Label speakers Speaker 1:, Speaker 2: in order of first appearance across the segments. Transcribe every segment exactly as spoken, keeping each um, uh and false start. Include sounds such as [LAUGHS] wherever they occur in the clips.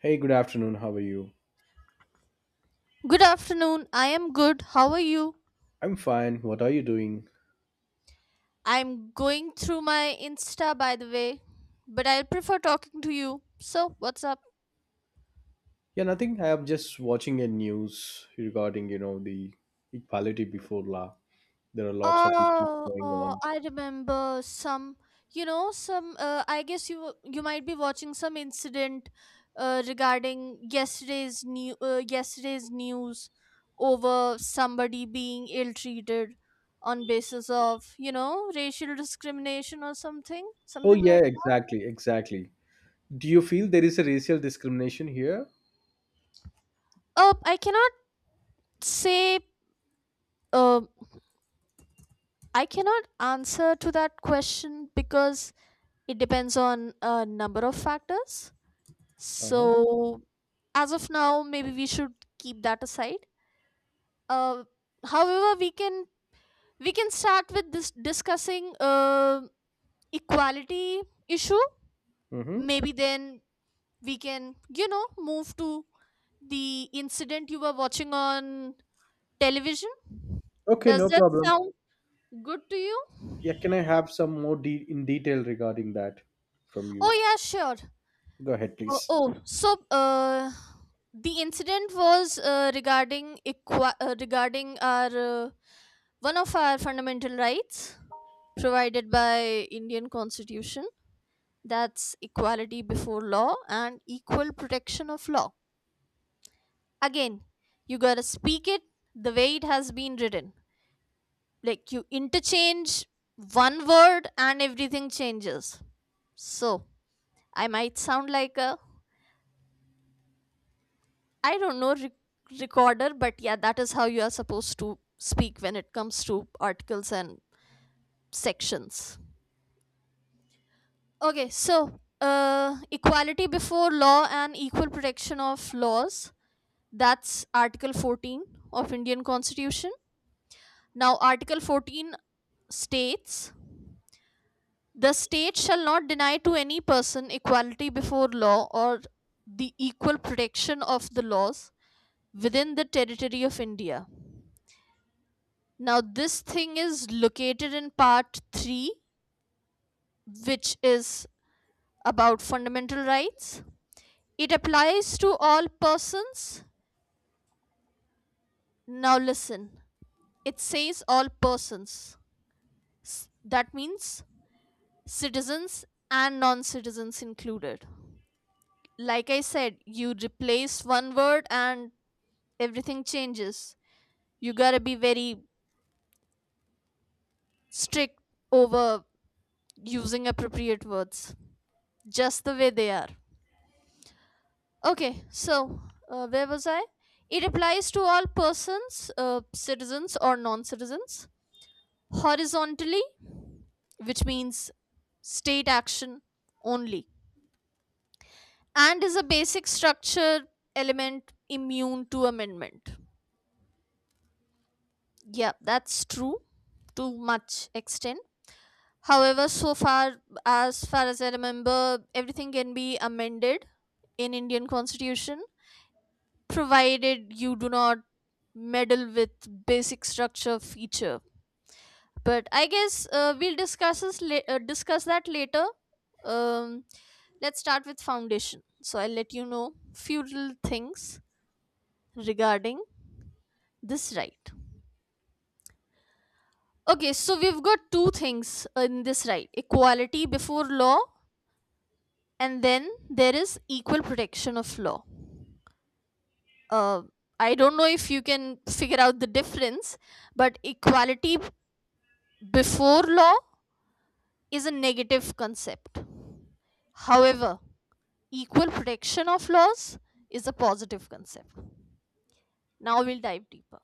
Speaker 1: Hey, good afternoon. How are you?
Speaker 2: Good afternoon. I am good. How are you?
Speaker 1: I'm fine. What are you doing?
Speaker 2: I'm going through my Insta, by the way, but I prefer talking to you. So, what's up?
Speaker 1: Yeah, nothing. I'm just watching a news regarding, you know, the equality before law. There are lots of issues
Speaker 2: Oh,
Speaker 1: going
Speaker 2: oh,
Speaker 1: on.
Speaker 2: I remember some, you know, some uh, I guess you you might be watching some incident uh, regarding yesterday's new uh, yesterday's news over somebody being ill-treated on basis of, you know, racial discrimination or something,
Speaker 1: Oh,
Speaker 2: something
Speaker 1: yeah,
Speaker 2: like
Speaker 1: exactly, exactly. Do you feel there is a racial discrimination here?
Speaker 2: Oh, I cannot say. Um, I cannot answer to that question because it depends on a number of factors.
Speaker 1: Uh-huh.
Speaker 2: So, as of now, maybe we should keep that aside. Uh, However, we can we can start with this discussing uh, equality issue.
Speaker 1: Mm-hmm.
Speaker 2: Maybe then we can, you know, move to the incident you were watching on television.
Speaker 1: Okay,
Speaker 2: Does
Speaker 1: no
Speaker 2: that
Speaker 1: problem.
Speaker 2: sound good to you?
Speaker 1: Yeah, can I have some more de- in detail regarding that from you?
Speaker 2: Oh yeah, sure.
Speaker 1: Go ahead,
Speaker 2: Oh,
Speaker 1: please.
Speaker 2: oh, so uh, the incident was uh, regarding equa- uh, regarding our uh, one of our fundamental rights provided by Indian Constitution. That's equality before law and equal protection of law. Again, you gotta speak it the way it has been written. Like, you interchange one word and everything changes. So I might sound like a, I don't know, rec- recorder, but yeah, that is how you are supposed to speak when it comes to articles and sections. Okay, so uh, equality before law and equal protection of laws. That's Article fourteen of Indian Constitution. Now, Article fourteen states the state shall not deny to any person equality before law or the equal protection of the laws within the territory of India. Now, this thing is located in part three, which is about fundamental rights. It applies to all persons. Now, listen, it says all persons. That means citizens and non citizens included. Like I said, you replace one word and everything changes. You gotta be very strict over using appropriate words, just the way they are. Okay, so uh, where was I? It applies to all persons, uh, citizens or non citizens, horizontally, which means state action only, and is a basic structure element immune to amendment. Yeah, that's true to much extent. However, so far as far as I remember, everything can be amended in Indian Constitution, provided you do not meddle with basic structure feature, but I guess uh, we'll discuss this la- uh, discuss that later. um, let's start with foundation, so I'll let you know few little things regarding this right. Okay, so we've got two things in this right: equality before law, and then there is equal protection of law. uh, I don't know if you can figure out the difference, but equality before law is a negative concept. However, equal protection of laws is a positive concept. Now we'll dive deeper.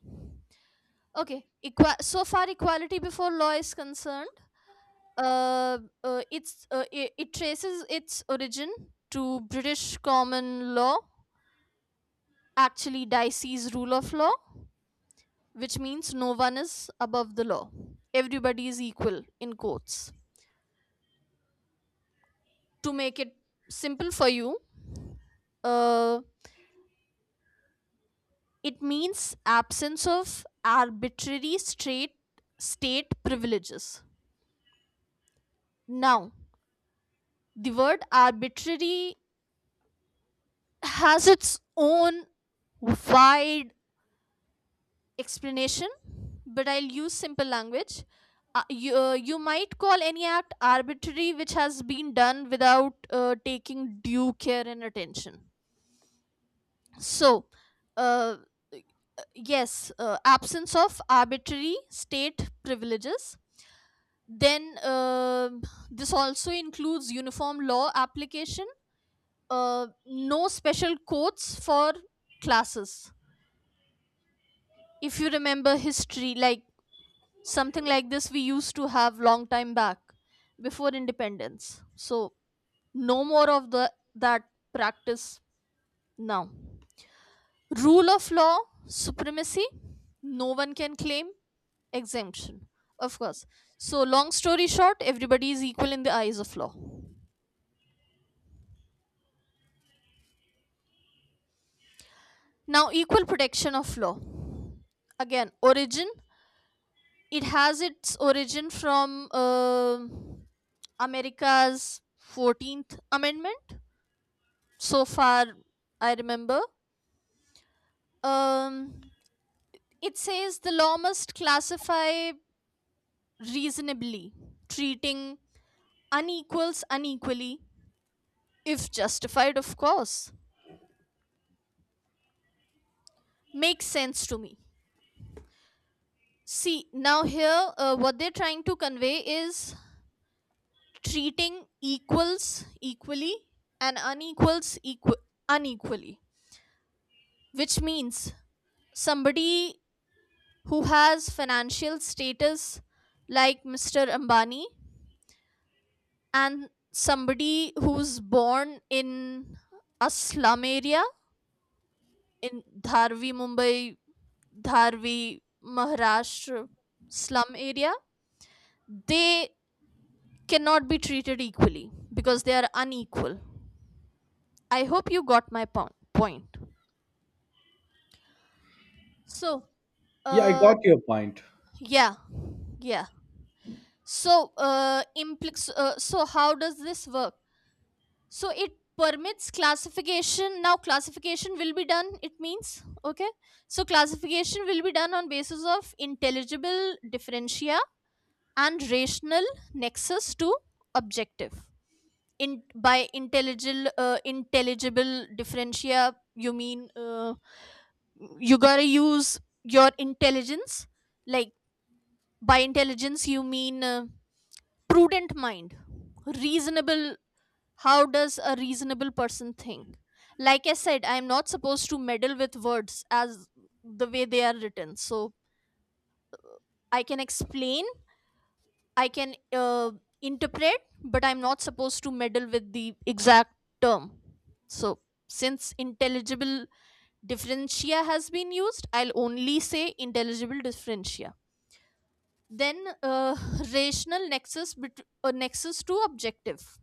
Speaker 2: Okay, equa- so far equality before law is concerned, uh, uh, it's uh, it, it traces its origin to British common law, actually Dicey's rule of law, which means no one is above the law. Everybody is equal in courts. To make it simple for you, uh, it means absence of arbitrary straight state privileges. Now, the word arbitrary has its own wide explanation, but I'll use simple language. Uh, you, uh, you might call any act arbitrary which has been done without uh, taking due care and attention. So, uh, yes, uh, absence of arbitrary state privileges. Then, uh, this also includes uniform law application, uh, no special codes for classes. If you remember history, like, something like this we used to have long time back before independence. So no more of the that practice now. Rule of law, supremacy, no one can claim exemption. Of course. So, long story short, everybody is equal in the eyes of law. Now, equal protection of law. Again, origin. It has its origin from uh, America's fourteenth Amendment. So far, I remember. Um, it says the law must classify reasonably, treating unequals unequally, if justified, of course. Makes sense to me. See, now here, uh, what they're trying to convey is treating equals equally and unequals equi- unequally, which means somebody who has financial status like mister Ambani and somebody who's born in a slum area in Dharvi, Mumbai, Dharvi, Maharashtra slum area, they cannot be treated equally because they are unequal. I hope you got my po- point. So,
Speaker 1: Yeah, I
Speaker 2: uh,
Speaker 1: got your point.
Speaker 2: yeah, yeah. So, uh, implics. Uh, so, how does this work? So, it permits classification. Now, classification will be done. It means, okay. So, classification will be done on basis of intelligible differentia and rational nexus to objective. In By intelligible uh, intelligible differentia, you mean, uh, you gotta use your intelligence. Like, by intelligence you mean uh, prudent mind, reasonable. How does a reasonable person think? Like I said, I am not supposed to meddle with words as the way they are written. So I can explain, I can uh, interpret, but I'm not supposed to meddle with the exact term. So, since intelligible differentia has been used, I'll only say intelligible differentia. Then, uh, [LAUGHS] rational nexus, bet- uh, nexus to objective.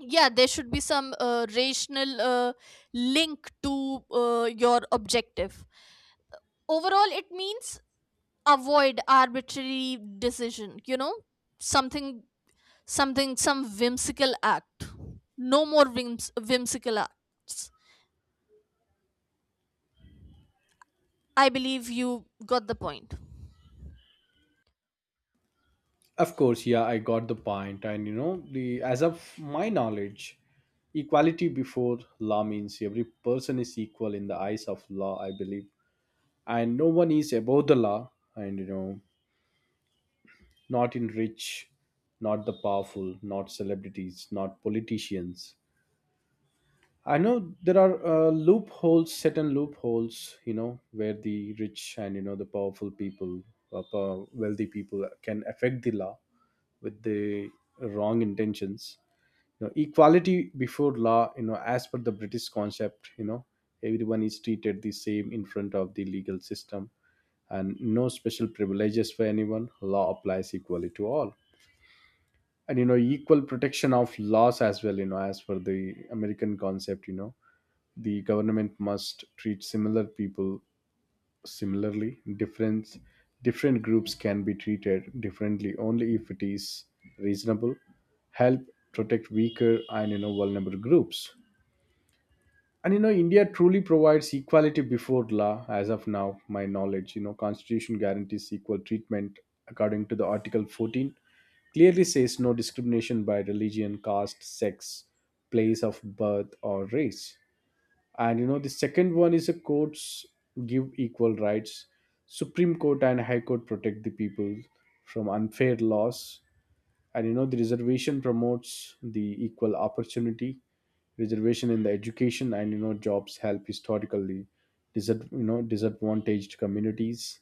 Speaker 2: Yeah, there should be some uh, rational uh, link to uh, your objective. Overall, it means avoid arbitrary decision, you know, something something some whimsical act. No more whims- whimsical acts. I believe you got the point.
Speaker 1: Of course, yeah, I got the point. And you know, the as of my knowledge, equality before law means every person is equal in the eyes of law, I believe. And no one is above the law, and you know, not in rich, not the powerful, not celebrities, not politicians. I know there are uh, loopholes, certain loopholes, you know, where the rich and you know the powerful people, uh, po- wealthy people can affect the law with the wrong intentions you know, Equality before law, you know as per the British concept, you know everyone is treated the same in front of the legal system, and no special privileges for anyone. Law applies equally to all, and you know equal protection of laws as well, you know as per the American concept, you know the government must treat similar people similarly. Difference, different groups can be treated differently only if it is reasonable, help protect weaker and you know vulnerable groups. And you know, India truly provides equality before law. As of now, my knowledge, you know, Constitution guarantees equal treatment according to the Article fourteen, clearly says no discrimination by religion, caste, sex, place of birth, or race. And you know the second one is, a courts give equal rights. Supreme Court and High Court protect the people from unfair laws, and you know the reservation promotes the equal opportunity. Reservation in the education and you know jobs help historically disad- you know disadvantaged communities.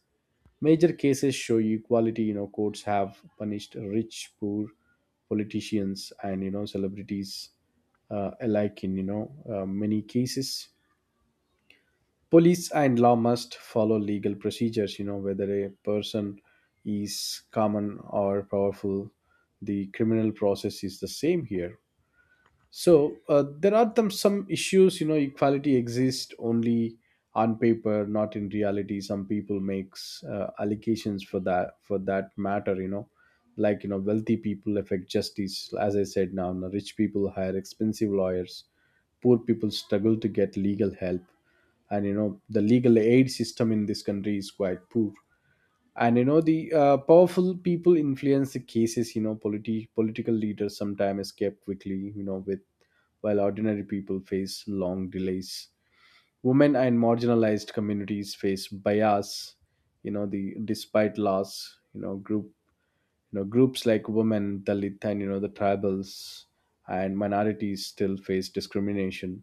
Speaker 1: Major cases show equality. You know courts have punished rich, poor, politicians, and you know celebrities uh, alike in you know uh, many cases. Police and law must follow legal procedures, you know whether a person is common or powerful. The criminal process is the same here. So uh, there are some some issues, you know, equality exists only on paper, not in reality. Some people makes uh, allegations for that for that matter, you know, like you know, wealthy people affect justice, as I said now. You know, rich people hire expensive lawyers, poor people struggle to get legal help, and you know, the legal aid system in this country is quite poor, and you know the uh, powerful people influence the cases. You know politi- political leaders sometimes escape quickly, you know with while ordinary people face long delays. Women and marginalized communities face bias, you know the despite laws, you know group you know groups like women, Dalit, and you know the tribals and minorities still face discrimination.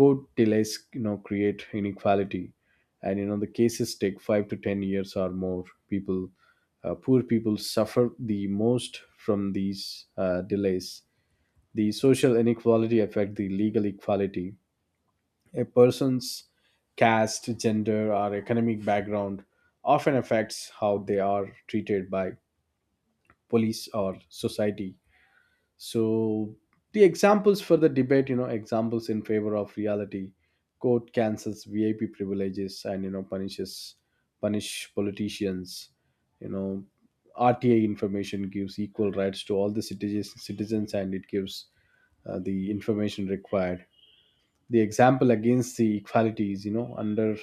Speaker 1: Court delays, you know create inequality, and you know the cases take five to ten years or more people. Uh, poor people suffer the most from these uh, delays. The social inequality affect the legal equality. A person's caste, gender, or economic background often affects how they are treated by police or society. So the examples for the debate, you know, examples in favor of reality, court cancels V I P privileges and you know punishes punish politicians. You know, R T I information gives equal rights to all the citizens, citizens, and it gives uh, the information required. The example against the equalities, you know, under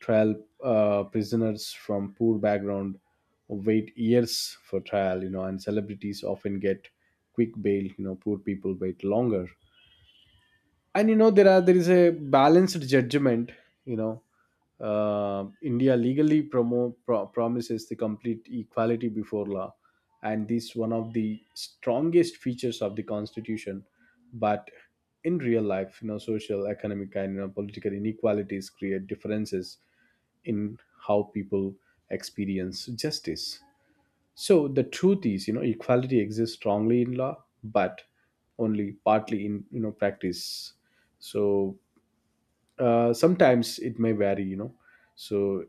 Speaker 1: trial uh, prisoners from poor background wait years for trial, you know, and celebrities often get quick bail, you know, poor people wait longer. And you know there are there is a balanced judgment you know uh, India legally promo, pro- promises the complete equality before law, and this one of the strongest features of the Constitution. But in real life, you know social, economic, and you know, political inequalities create differences in how people experience justice. So the truth is, you know, equality exists strongly in law, but only partly in you know practice. So uh, sometimes it may vary, you know. So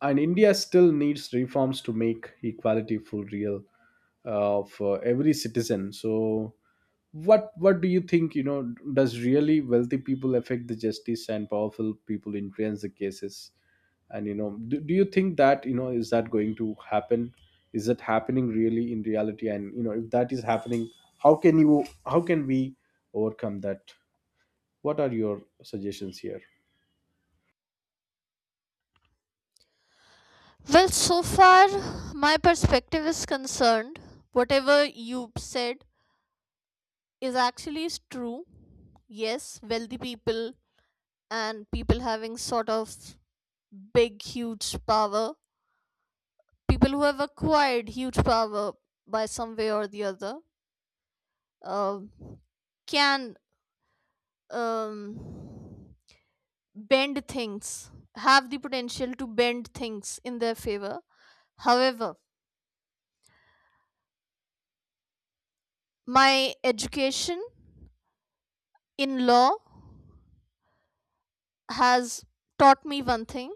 Speaker 1: and India still needs reforms to make equality full real uh, for every citizen. So what what do you think, you know does really wealthy people affect the justice and powerful people influence the cases? And you know do, do you think that you know is that going to happen? Is that happening really in reality? And you know if that is happening, how can you how can we overcome that? What are your suggestions here?
Speaker 2: Well, so far my perspective is concerned. Whatever you said is actually is true. Yes, wealthy people and people having sort of big, huge power. People who have acquired huge power by some way or the other um can um, bend things, have the potential to bend things in their favor. However, my education in law has taught me one thing: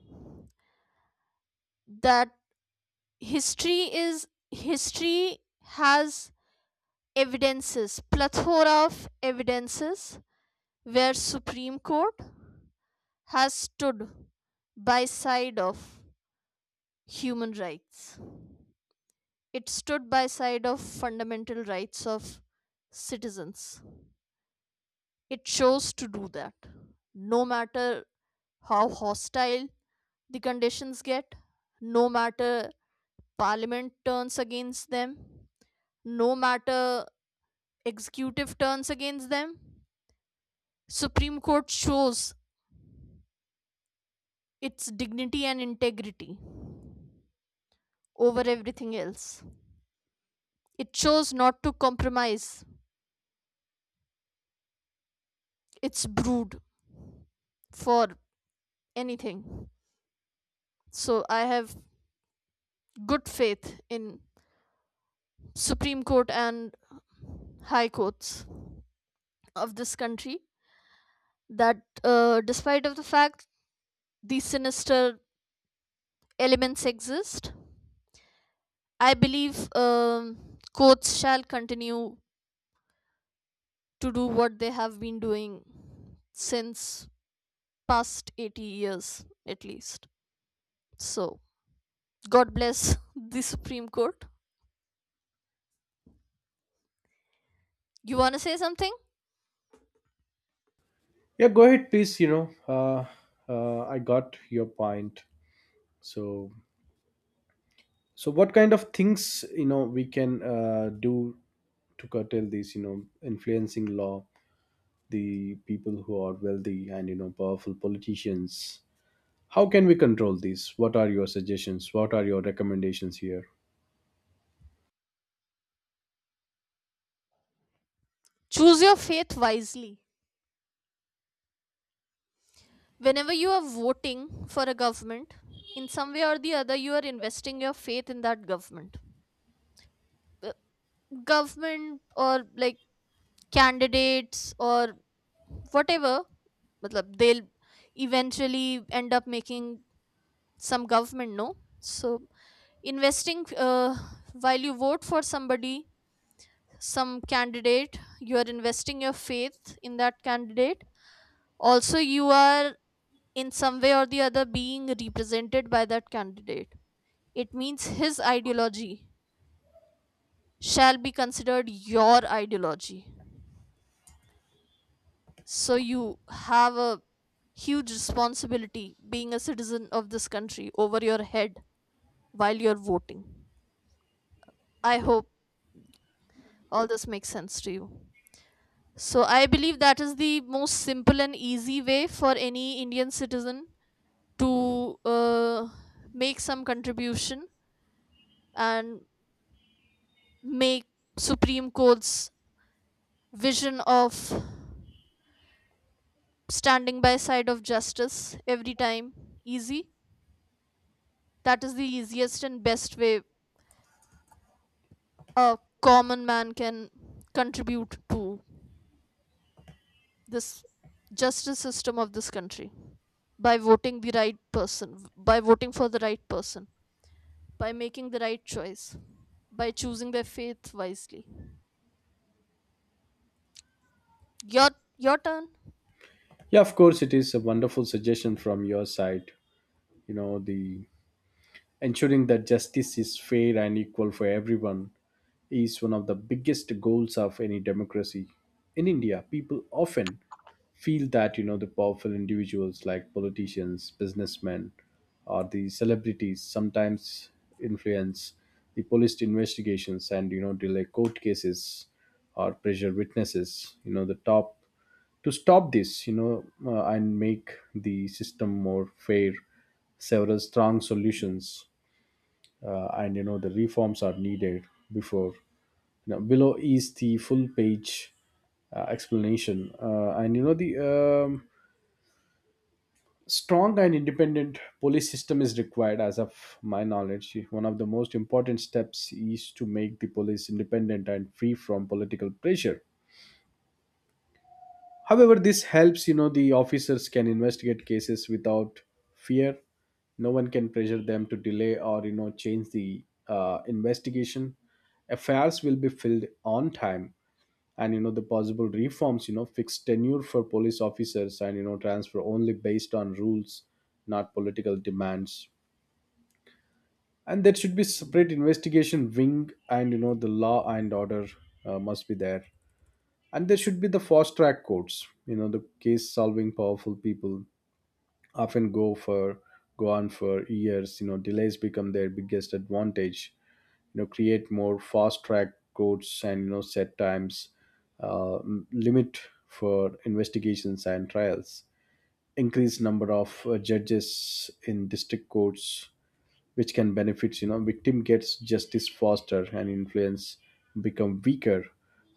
Speaker 2: that history is, history has evidences, plethora of evidences where Supreme Court has stood by side of human rights. It stood by side of fundamental rights of citizens. It chose to do that. No matter how hostile the conditions get, no matter parliament turns against them, no matter executive turns against them, Supreme Court shows its dignity and integrity over everything else. It chose not to compromise its brood for anything. So I have good faith in Supreme Court and High Courts of this country that uh, despite of the fact these sinister elements exist, I believe um, courts shall continue to do what they have been doing since past eighty years at least. So, God bless the Supreme Court. You want to say something?
Speaker 1: Yeah, go ahead, please. you know uh, uh, I got your point. So, so what kind of things, you know we can uh, do to curtail these, you know influencing law, the people who are wealthy and you know powerful politicians? How can we control these? What are your suggestions? What are your recommendations here?
Speaker 2: Choose your faith wisely. Whenever you are voting for a government, in some way or the other, you are investing your faith in that government. Uh, Government, or like, candidates, or whatever, matlab, they'll eventually end up making some government, no? So, investing uh, while you vote for somebody, some candidate, you are investing your faith in that candidate. Also, you are in some way or the other being represented by that candidate. It means his ideology shall be considered your ideology. So you have a huge responsibility being a citizen of this country over your head while you're voting. I hope all this makes sense to you. So I believe that is the most simple and easy way for any Indian citizen to uh, make some contribution and make Supreme Court's vision of standing by side of justice every time easy. That is the easiest and best way a common man can contribute to this justice system of this country, by voting the right person, by voting for the right person, by making the right choice, by choosing their faith wisely. your your turn.
Speaker 1: Yeah, of course, it is a wonderful suggestion from your side. you know the Ensuring that justice is fair and equal for everyone is one of the biggest goals of any democracy. In India, people often feel that you know the powerful individuals like politicians, businessmen, or the celebrities sometimes influence the police investigations and you know delay court cases or pressure witnesses. You know the top To stop this, you know, uh, and make the system more fair. Several strong solutions uh, and you know the reforms are needed before. You know, below is the full page uh, explanation. Uh, and you know the um, strong and independent police system is required. As of my knowledge, one of the most important steps is to make the police independent and free from political pressure. However, this helps. You know the officers can investigate cases without fear. No one can pressure them to delay or you know change the uh, investigation. Affairs will be filled on time. And you know the possible reforms, you know fixed tenure for police officers and you know transfer only based on rules, not political demands. And there should be separate investigation wing, and you know the law and order uh, must be there. And there should be the fast track courts. You know the case solving powerful people often go for go on for years. You know delays become their biggest advantage. You know create more fast track routes and you know set times, uh, m- limit for investigations and trials. Increased number of uh, judges in district courts, which can benefit. You know victim gets justice faster, and influence become weaker,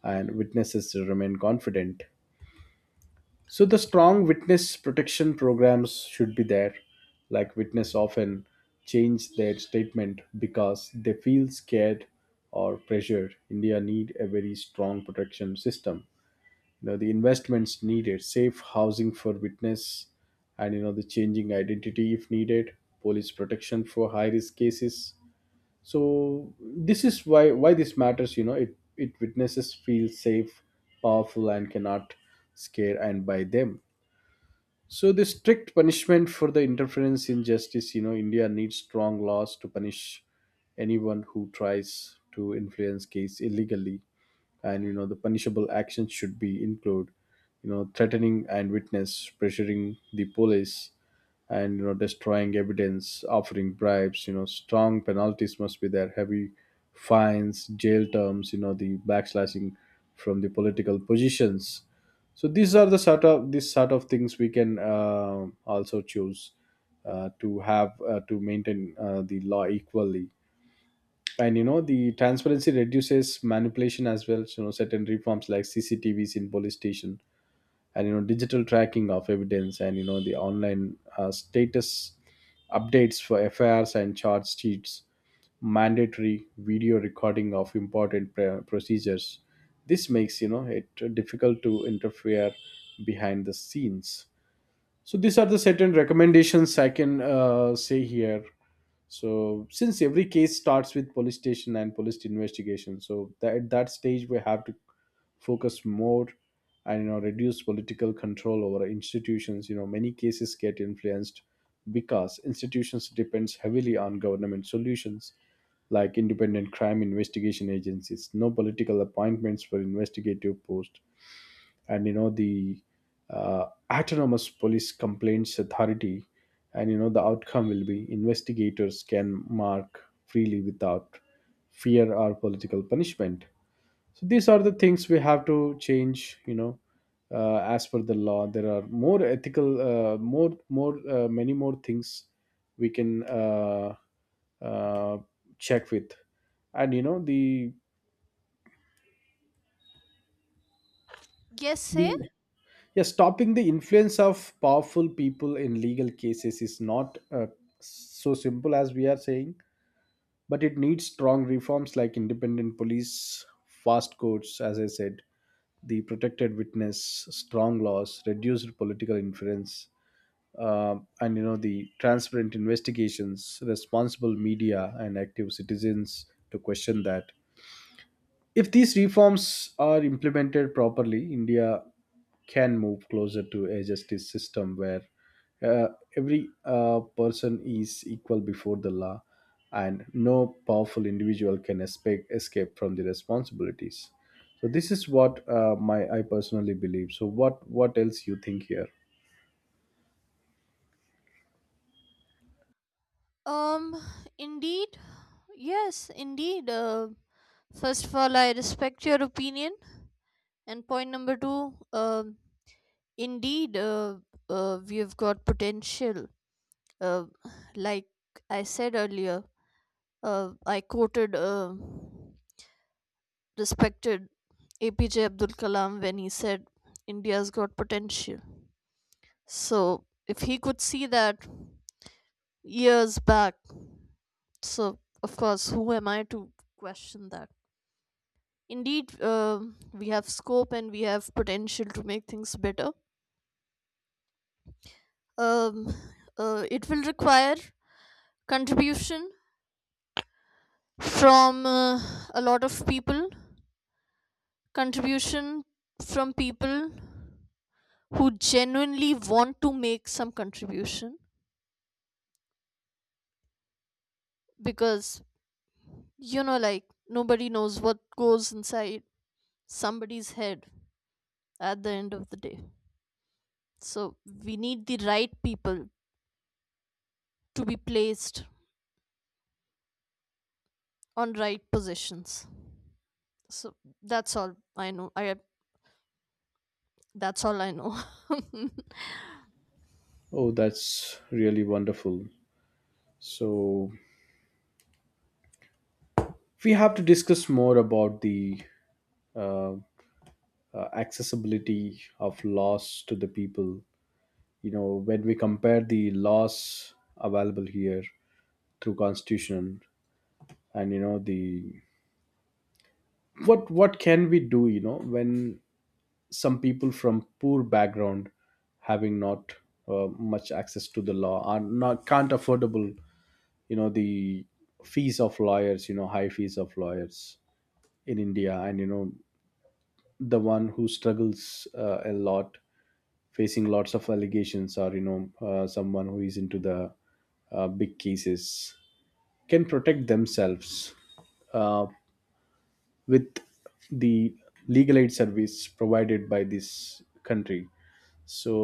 Speaker 1: and witnesses remain confident. So the strong witness protection programs should be there. Like witness often change their statement because they feel scared or pressured. India need a very strong protection system. You know the investments needed, safe housing for witness, and you know the changing identity if needed, police protection for high risk cases. So this is why why this matters. You know it it Witnesses feel safe, powerful, and cannot scare and by them. So the strict punishment for the interference in justice, you know, India needs strong laws to punish anyone who tries to influence case illegally, and you know the punishable actions should be include, you know, threatening and witness, pressuring the police, and you know destroying evidence, offering bribes. You know strong penalties must be there, heavy fines, jail terms, you know the backslashing from the political positions. So these are the sort of these sort of things we can uh, also choose uh, to have uh, to maintain uh, the law equally. And you know the transparency reduces manipulation as well. So, you know certain reforms like C C T Vs in police station, and you know digital tracking of evidence, and you know the online uh, status updates for F I Rs and charge sheets, mandatory video recording of important pr- procedures. This makes you know it difficult to interfere behind the scenes. So these are the certain recommendations I can uh, say here. So since every case starts with police station and police investigation, so that, at that stage we have to focus more. And you know reduce political control over institutions. You know many cases get influenced because institutions depends heavily on government solutions, like independent crime investigation agencies, no political appointments for investigative posts, and you know the uh, autonomous police complaints authority. And you know the outcome will be investigators can mark freely without fear or political punishment. So these are the things we have to change you know uh, As per the law, there are more ethical, uh, more more uh, many more things we can uh, uh, check with, and you know the,
Speaker 2: Yes, say.
Speaker 1: the Yeah, stopping the influence of powerful people in legal cases is not uh, so simple as we are saying, but it needs strong reforms like independent police, fast courts, as I said, the protected witness, strong laws, reduced political influence, uh, and you know the transparent investigations, responsible media, and active citizens to question that. If these reforms are implemented properly, India can move closer to a justice system where uh, every uh, person is equal before the law and no powerful individual can escape, escape from the responsibilities. So this is what uh, my I personally believe. So what what else you think here?
Speaker 2: um Indeed. Yes, indeed. Uh, first of all, I respect your opinion. And point number two, uh, indeed, uh, uh, we've got potential. Uh, like I said earlier, uh, I quoted uh, respected A P J Abdul Kalam when he said India's got potential. So if he could see that years back, so of course, who am I to question that? Indeed, um we have scope and we have potential to make things better. Um, uh, it will require contribution from uh, a lot of people, contribution from people who genuinely want to make some contribution, because, you know, like, nobody knows what goes inside somebody's head at the end of the day. So we need the right people to be placed on right positions. So that's all I know. I That's all I know. [LAUGHS]
Speaker 1: Oh, that's really wonderful. So we have to discuss more about the uh, uh, accessibility of laws to the people, you know when we compare the laws available here through Constitution, and you know the what what can we do, you know when some people from poor background having not uh, much access to the law are not can't affordable you know the fees of lawyers, you know high fees of lawyers in India, and you know the one who struggles uh, a lot facing lots of allegations or you know uh, someone who is into the uh, big cases can protect themselves uh, with the legal aid service provided by this country. So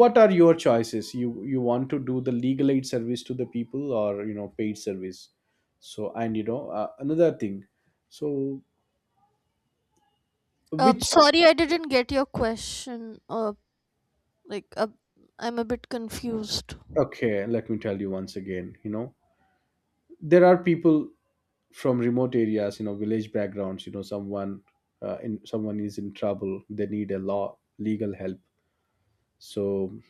Speaker 1: what are your choices? You you want to do the legal aid service to the people or you know paid service? So, and you know uh, another thing. So
Speaker 2: um
Speaker 1: which...
Speaker 2: Sorry, I didn't get your question. uh, Like, uh, I'm a bit confused.
Speaker 1: Okay, let me tell you once again. You know there are people from remote areas, you know village backgrounds, you know someone uh, in someone is in trouble, they need a law legal help. So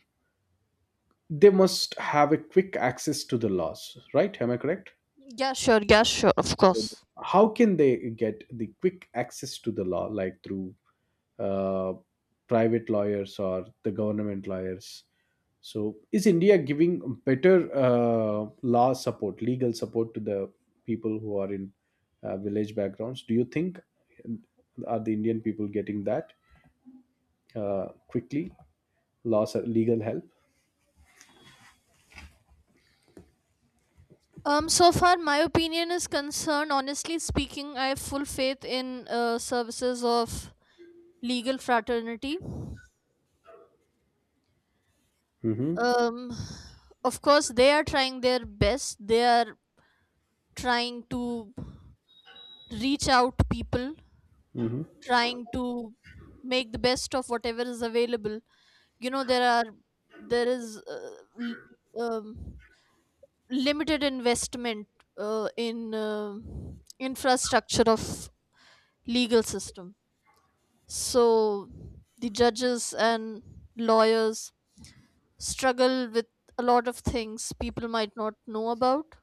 Speaker 1: they must have a quick access to the laws, right? Am I correct?
Speaker 2: Yeah, sure. Yeah, sure. Of
Speaker 1: Mhm.
Speaker 2: course.
Speaker 1: How can they get the quick access to the law, like through uh, private lawyers or the government lawyers? So, is India giving better uh, law support, legal support to the people who are in uh, village backgrounds? Do you think uh, are the Indian people getting that uh, quickly, law, legal help?
Speaker 2: Um, so far my opinion is concerned. Honestly speaking, I have full faith in uh, services of legal fraternity.
Speaker 1: Hmm.
Speaker 2: Um, of course, they are trying their best. They are trying to reach out to people,
Speaker 1: Hmm.
Speaker 2: trying to make the best of whatever is available. You know, there are there is uh, l- um, limited investment uh, in uh, infrastructure of legal system. So the judges and lawyers struggle with a lot of things people might not know about.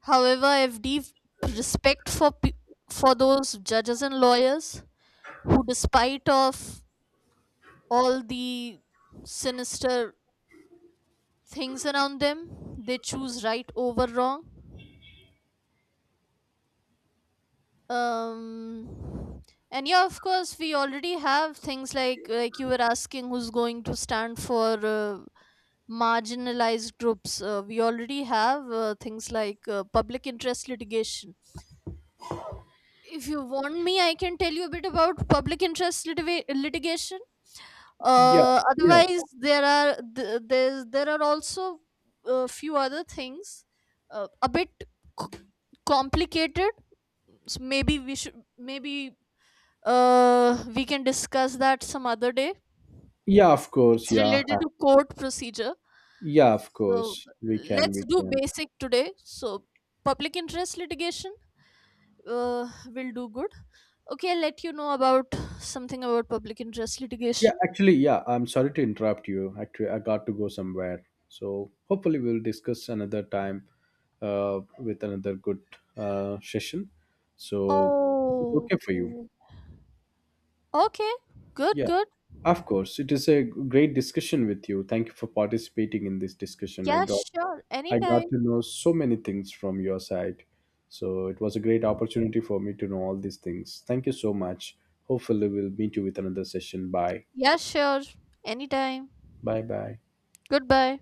Speaker 2: However, I have deep respect for pe- for those judges and lawyers who, despite of all the sinister things around them, they choose right over wrong. um and yeah, of course, we already have things like like you were asking, who's going to stand for uh, marginalized groups. Uh, we already have uh, things like uh, public interest litigation. If you want me, I can tell you a bit about public interest litiva- litigation.
Speaker 1: Yeah,
Speaker 2: Uh,
Speaker 1: yeah.
Speaker 2: otherwise, there are th- there's there are also a few other things, uh, a bit c- complicated. So maybe we should maybe Uh, we can discuss that some other day.
Speaker 1: Yeah, of course.
Speaker 2: It's
Speaker 1: Yeah, Uh,
Speaker 2: related to court procedure.
Speaker 1: yeah, of
Speaker 2: So
Speaker 1: course. We can,
Speaker 2: let's
Speaker 1: we
Speaker 2: do
Speaker 1: can.
Speaker 2: basic today. So public interest litigation uh, will do good. Okay, I'll let you know about something about public interest
Speaker 1: Yeah,
Speaker 2: litigation.
Speaker 1: actually, yeah. I'm sorry to interrupt you. Actually, I got to go somewhere. So hopefully, we'll discuss another time uh, with another good uh, session. So is it
Speaker 2: Oh,
Speaker 1: okay for you?
Speaker 2: okay. Okay, good,
Speaker 1: Yeah,
Speaker 2: good.
Speaker 1: of course. It is a great discussion with you. Thank you for participating in this discussion. I
Speaker 2: Yeah,
Speaker 1: got
Speaker 2: sure.
Speaker 1: I got
Speaker 2: Anytime.
Speaker 1: to know so many things from your side. So it was a great opportunity for me to know all these things. Thank you so much. Hopefully we'll meet you with another session. Bye.
Speaker 2: Yeah, sure. Anytime.
Speaker 1: Bye bye.
Speaker 2: Goodbye.